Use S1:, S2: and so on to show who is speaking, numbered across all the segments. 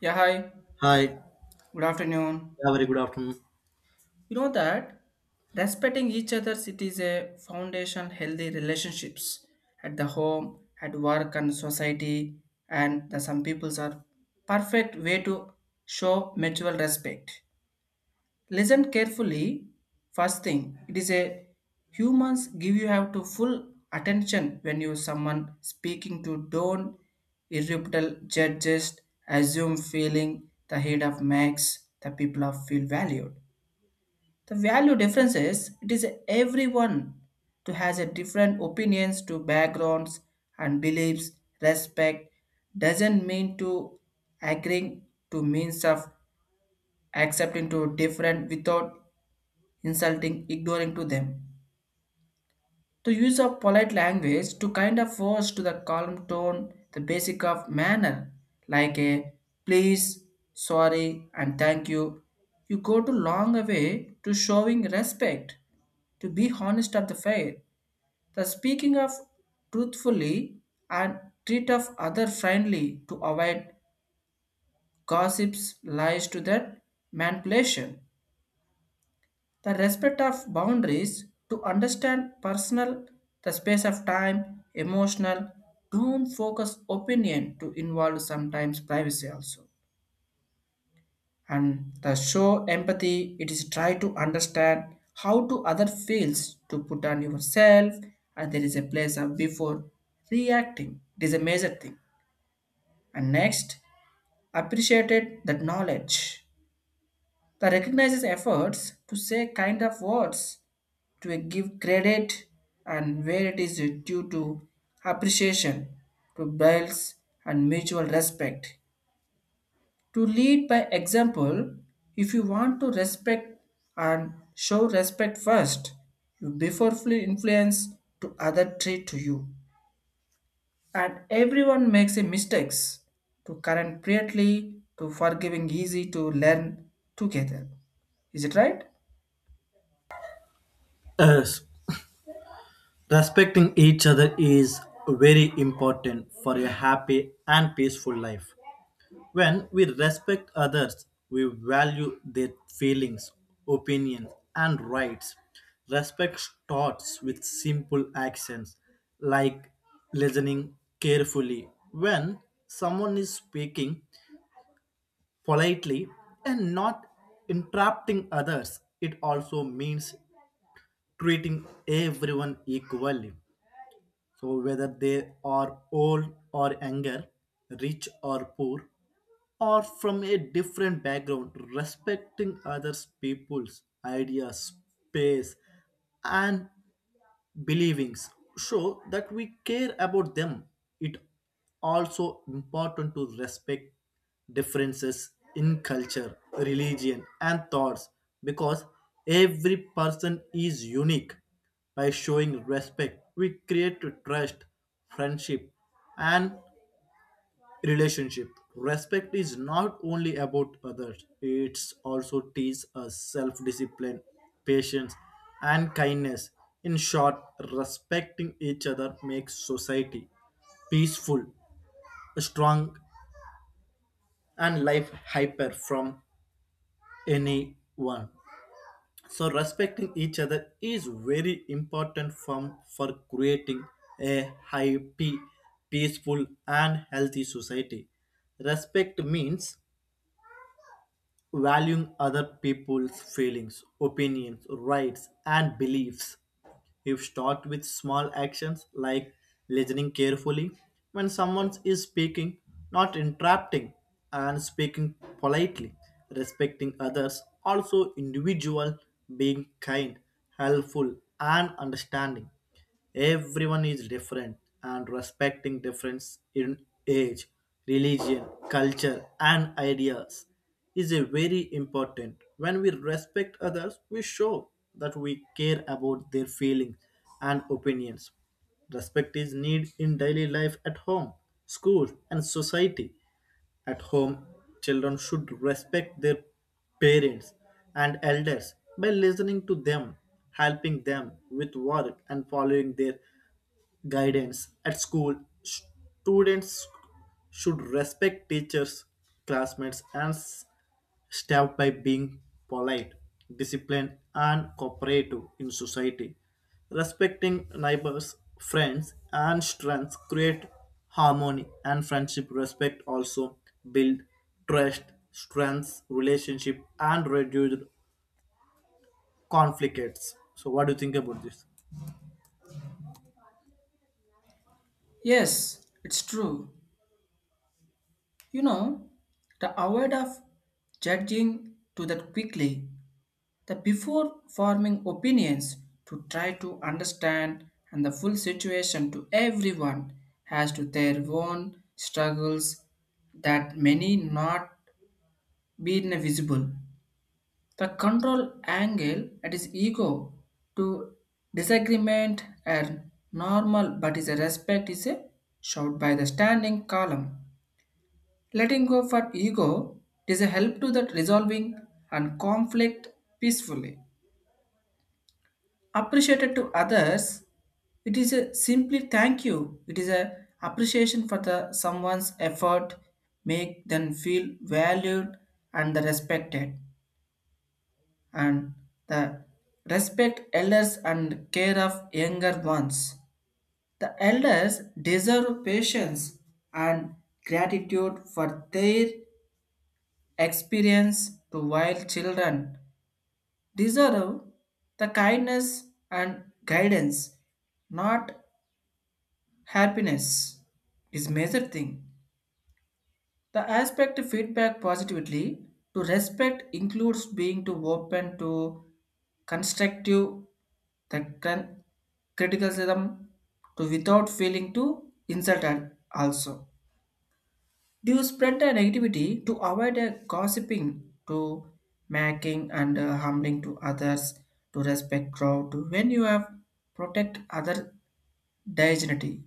S1: Yeah, hi.
S2: Hi, yeah,
S1: Good afternoon.
S2: very good afternoon.
S1: You know that respecting each other it is a foundation healthy relationships at the home, at work and society, and the some peoples are perfect way to show mutual respect. Listen carefully. First thing, it is a humans give you have to full attention when you someone speaking to don't irreparable judges assume feeling the head of max the people of feel valued. The value differences, it is everyone to has a different opinions to backgrounds and beliefs. Respect doesn't mean to agreeing, to means of accepting to different without insulting, ignoring to them. The use of polite language to kind of force to the calm tone, the basic of manner, like a please, sorry, and thank you. You go to long way to showing respect, to be honest of the fair, the speaking of truthfully and treat of other friendly to avoid gossips, lies to that manipulation. The respect of boundaries to understand personal, the space of time, emotional, don't focus opinion to involve sometimes privacy also. And the show empathy, it is try to understand how to other feels to put on yourself and there is a place of before reacting. It is a major thing. And next, appreciated that knowledge, the recognizes efforts to say kind of words to give credit and where it is due to appreciation to builds and mutual respect, to lead by example. If you want to respect and show respect first, you before influence to other treat to you, and everyone makes a mistakes to current greatly, to forgiving easy to learn together. Is it right?
S2: Yes, respecting each other is very important for a happy and peaceful life. When we respect others, we value their feelings, opinions, and rights. Respect starts with simple actions like listening carefully when someone is speaking politely and not interrupting others. It also means treating everyone equally. So, whether they are old or younger, rich or poor, or from a different background, respecting others' people's ideas, space, and believings show that we care about them. It also important to respect differences in culture, religion, and thoughts, because every person is unique. By showing respect, we create trust, friendship, and relationship. Respect is not only about others, it's also teaches us self-discipline, patience, and kindness. In short, respecting each other makes society peaceful, strong, and life hyper from anyone. So respecting each other is very important from for creating a happy, peaceful, and healthy society. Respect means valuing other people's feelings, opinions, rights, and beliefs. If start with small actions like listening carefully when someone is speaking, not interrupting, and speaking politely, respecting others, also individual, being kind, helpful, and understanding. Everyone is different and respecting difference in age, religion, culture, and ideas is a very important. When we respect others, we show that we care about their feelings and opinions. Respect is need in daily life at home, school, and society. At home, children should respect their parents and elders by listening to them, helping them with work, and following their guidance. At school, students should respect teachers, classmates, and staff by being polite, disciplined, and cooperative. In society, respecting neighbors, friends, and strengths create harmony and friendship. Respect also build trust, strengths relationship, and reduce conflicts. So what do you think about this?
S1: Yes, it's true. You know, the avoid of judging to that quickly, the before forming opinions to try to understand and the full situation to everyone has to their own struggles that many not been visible. The control angle at his ego to disagreement and normal, but is a respect is a shout by the standing column. Letting go for ego is a help to that resolving and conflict peacefully. Appreciated to others, it is a simply thank you. It is a appreciation for the someone's effort, make them feel valued and the respected. And the respect elders and care of younger ones. The elders deserve patience and gratitude for their experience to wild children deserve the kindness and guidance, not happiness. Is major thing the aspect feedback positively to respect includes being to open to constructive the criticism to without feeling to insult also. Do you spread the negativity to avoid a gossiping, to making and humbling to others, to respect crowd, to when you have protect other dignity,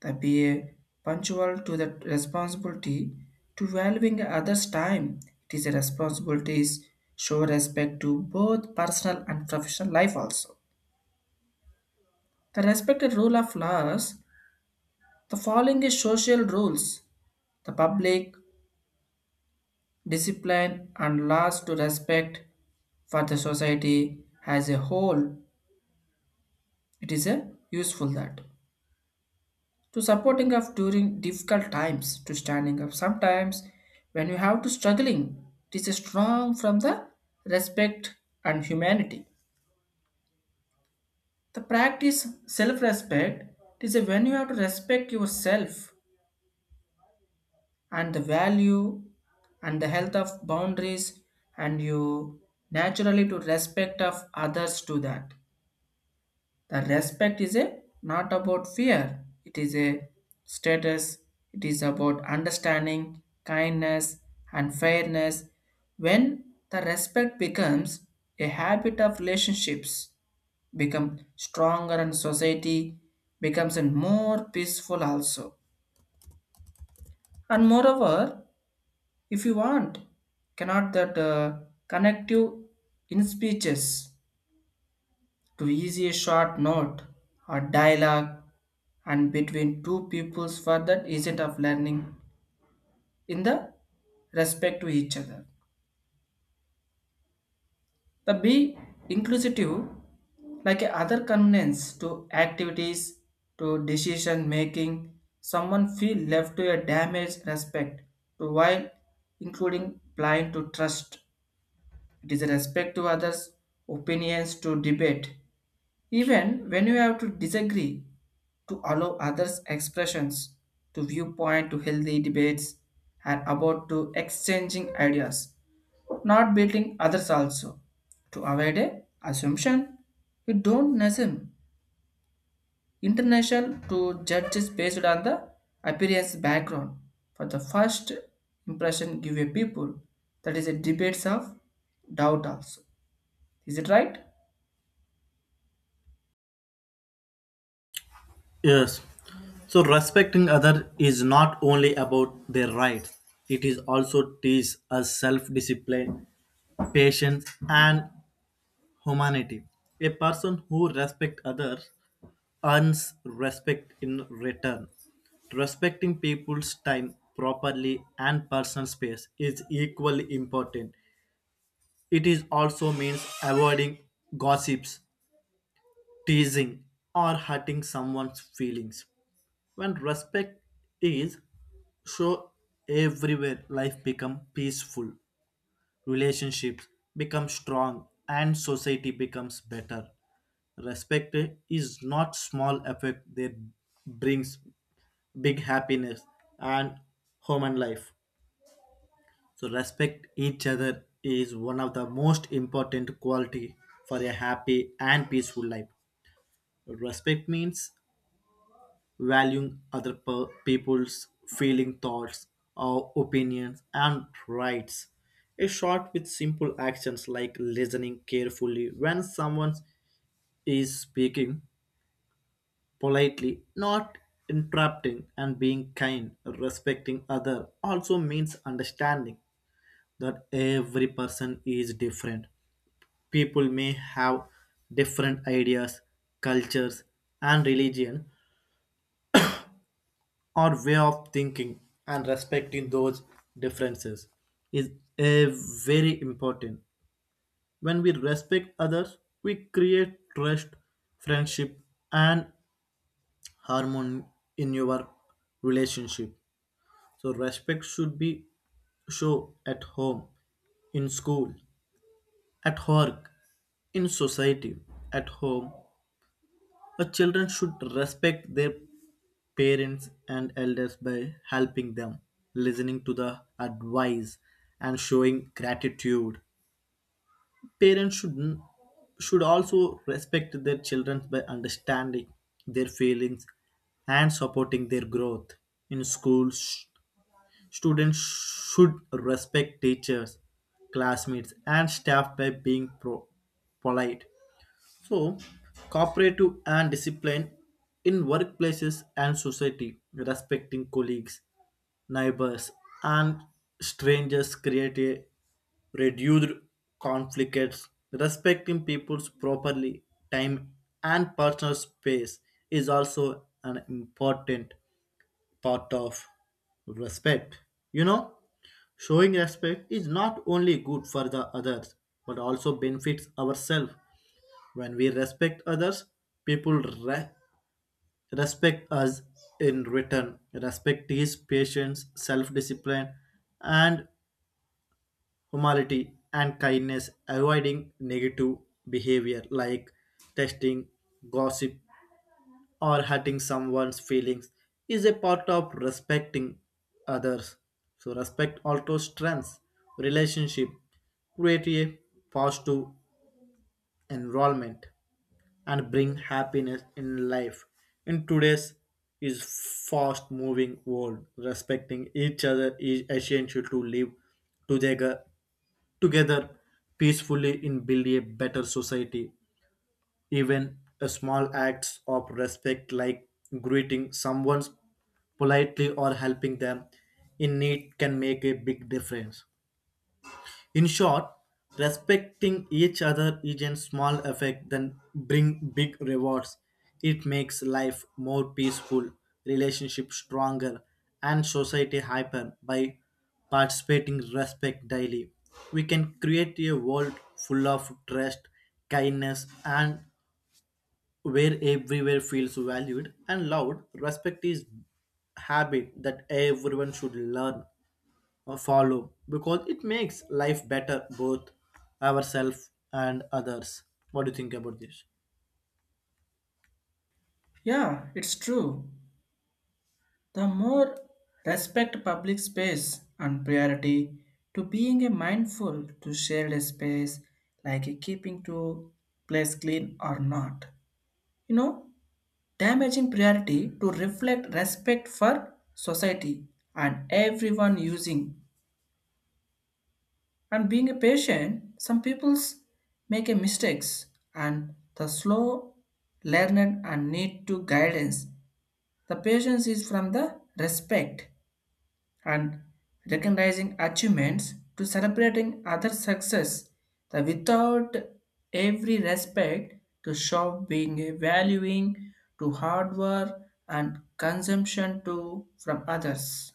S1: to be a punctual to the responsibility, to valuing others' time. It is a responsibility is show respect to both personal and professional life also. The respected rule of laws, the following is social rules, the public, discipline and laws to respect for the society as a whole. It is a useful that to supporting of during difficult times, to standing up sometimes when you have to struggling. It is a strong from the respect and humanity. The practice self-respect, it is a when you have to respect yourself and the value and the health of boundaries, and you naturally to respect of others to that. The respect is a not about fear. It is a status. It is about understanding, kindness, and fairness. When the respect becomes a habit of relationships, become stronger and society becomes a more peaceful also. And moreover, if you want, cannot that connect you in speeches to easy a short note or dialogue and between two pupils for that agent of learning in the respect to each other. The be inclusive, like a other convenience to activities, to decision making someone feel left to a damage respect, to while including blind to trust. It is a respect to others opinions to debate. Even when you have to disagree, to allow others' expressions, to viewpoint, to healthy debates, and about to exchanging ideas, not beating others also. To avoid a assumption, you don't assume international to judges based on the appearance background. For the first impression give a people, that is a debates of doubt also. Is it right?
S2: Yes. So respecting other is not only about their rights. It is also teaches us self-discipline, patience, and humanity. A person who respects others earns respect in return. Respecting people's time properly and personal space is equally important. It is also means avoiding gossips, teasing, or hurting someone's feelings. When respect is show everywhere, life become peaceful, relationships become strong, and society becomes better. Respect is not small effect that brings big happiness and human life. So respect each other is one of the most important quality for a happy and peaceful life. Respect means valuing other people's feeling, thoughts, or opinions and rights. A short with simple actions like listening carefully when someone is speaking politely, not interrupting, and being kind. Respecting other also means understanding that every person is different. People may have different ideas, cultures, and religion, our way of thinking, and respecting those differences is a very important. When we respect others, we create trust, friendship, and harmony in your relationship. So respect should be show at home, in school, at work, in society. At home, children should respect their parents and elders by helping them, listening to the advice, and showing gratitude. Parents should also respect their children by understanding their feelings and supporting their growth. In schools, students should respect teachers, classmates, and staff by being polite, so, cooperative, and discipline. In workplaces and society, respecting colleagues, neighbors, and strangers create a reduced conflicts. Respecting people's properly time and personal space is also an important part of respect. You know, showing respect is not only good for the others but also benefits ourselves. When we respect others, people respect us in return. Respect is patience, self discipline, and humility and kindness. Avoiding negative behavior like testing, gossip, or hurting someone's feelings is a part of respecting others. So respect also strengths, relationship, create a positive environment, and bring happiness in life. In today's is fast moving world, respecting each other is essential to live together together peacefully and build a better society. Even a small acts of respect like greeting someone politely or helping them in need can make a big difference. In short, respecting each other is a small effect then bring big rewards. It makes life more peaceful, relationship stronger, and society hyper by participating respect daily. We can create a world full of trust, kindness, and where everywhere feels valued and loved. Respect is habit that everyone should learn follow because it makes life better both ourselves and others. What do you think about this?
S1: Yeah, it's true. The more respect public space and priority to being a mindful to shared space, like a keeping to place clean or not. You know, damaging priority to reflect respect for society and everyone using, and being a patient, some people's make a mistakes and the slow learner and need to guidance. The patience is from the respect and recognizing achievements to celebrating other success the without every respect to shop being a valuing to hard work and consumption to from others,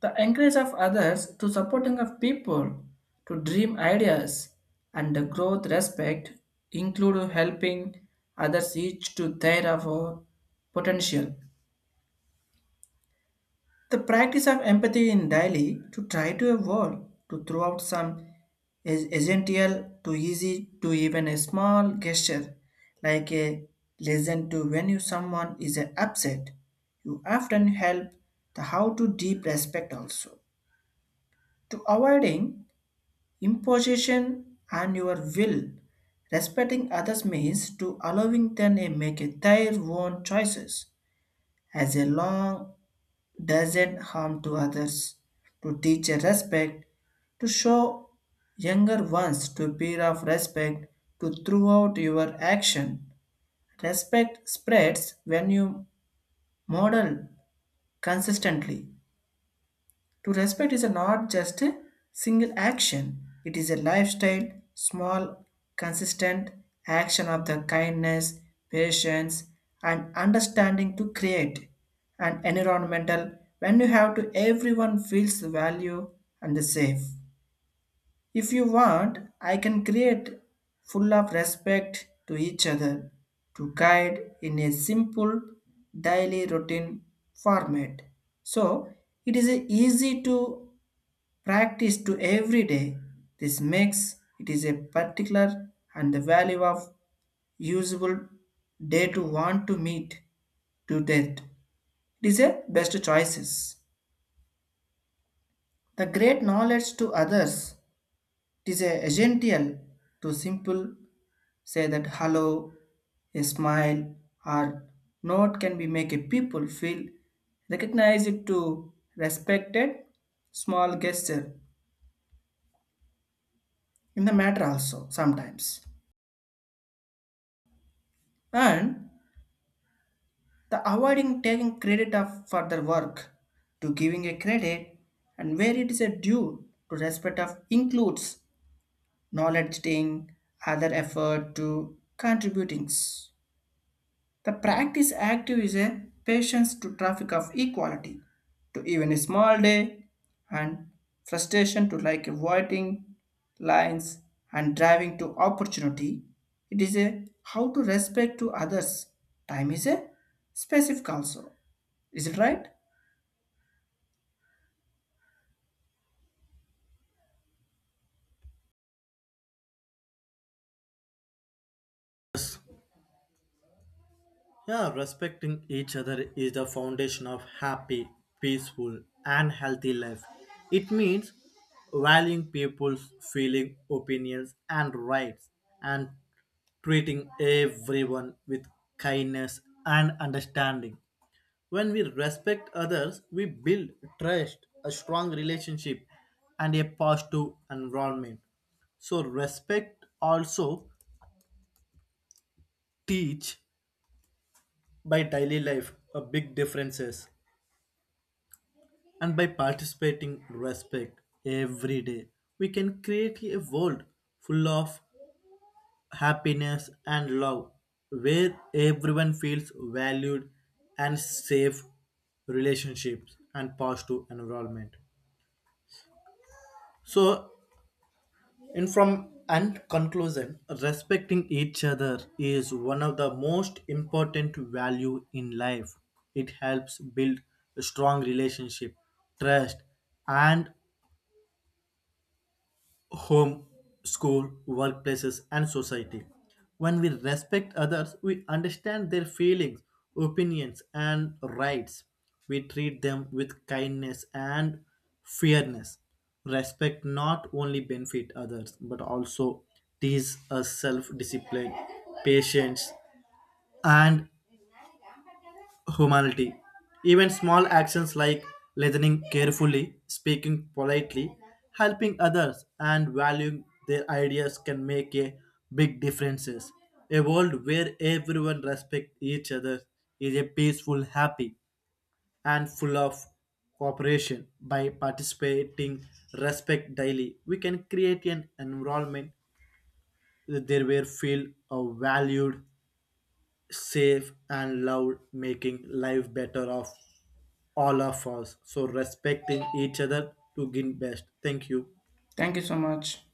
S1: the encourage of others to supporting of people to dream ideas and the growth respect include helping others each to their of potential. The practice of empathy in daily to try to evolve to throw out some is essential to easy to even a small gesture, like a listen to when you someone is upset. You often help the how to deep respect also, to avoiding imposition and your will. Respecting others means to allowing them to make their own choices as a long doesn't harm to others, to teach a respect, to show younger ones to peer of respect, to throughout your action. Respect spreads when you model consistently. To respect is not just a single action, it is a lifestyle, small, consistent action of the kindness, patience, and understanding to create an environmental when you have to everyone feels value and safe. If you want, I can create full of respect to each other to guide in a simple daily routine format. So it is easy to practice to every day. This makes it is a particular and the value of usable day to want to meet to that. It is a best choices. The great knowledge to others. It is a essential to simple say that hello, a smile or note can be make a people feel recognized to respected small gesture in the matter also sometimes, and the avoiding taking credit of for their work to giving a credit and where it is a due to respect of includes knowledge taking other effort to contributings. The practice active is a patience to traffic of equality to even a small day and frustration to like avoiding lines and driving to opportunity. It is a how to respect to others time is a specific also. Is it right?
S2: Yeah, respecting each other is the foundation of happy, peaceful, and healthy life. It means valuing people's feeling, opinions, and rights, and treating everyone with kindness and understanding. When we respect others, we build trust, a strong relationship, and a positive environment. So respect also teach by daily life a big differences, and by participating respect every day, we can create a world full of happiness and love, where everyone feels valued and safe, relationships and positive environment. So, and from and conclusion, respecting each other is one of the most important value in life. It helps build a strong relationship, trust, and home, school, workplaces, and society. When we respect others, we understand their feelings, opinions, and rights. We treat them with kindness and fairness. Respect not only benefit others but also teaches us self-discipline, patience, and humanity. Even small actions like listening carefully, speaking politely, helping others, and valuing their ideas can make a big differences. A world where everyone respects each other is a peaceful, happy, and full of cooperation. By participating, respect daily, we can create an environment there where feel valued, safe, and loud, making life better of all of us. So respecting each other to gain best. Thank you.
S1: Thank you so much.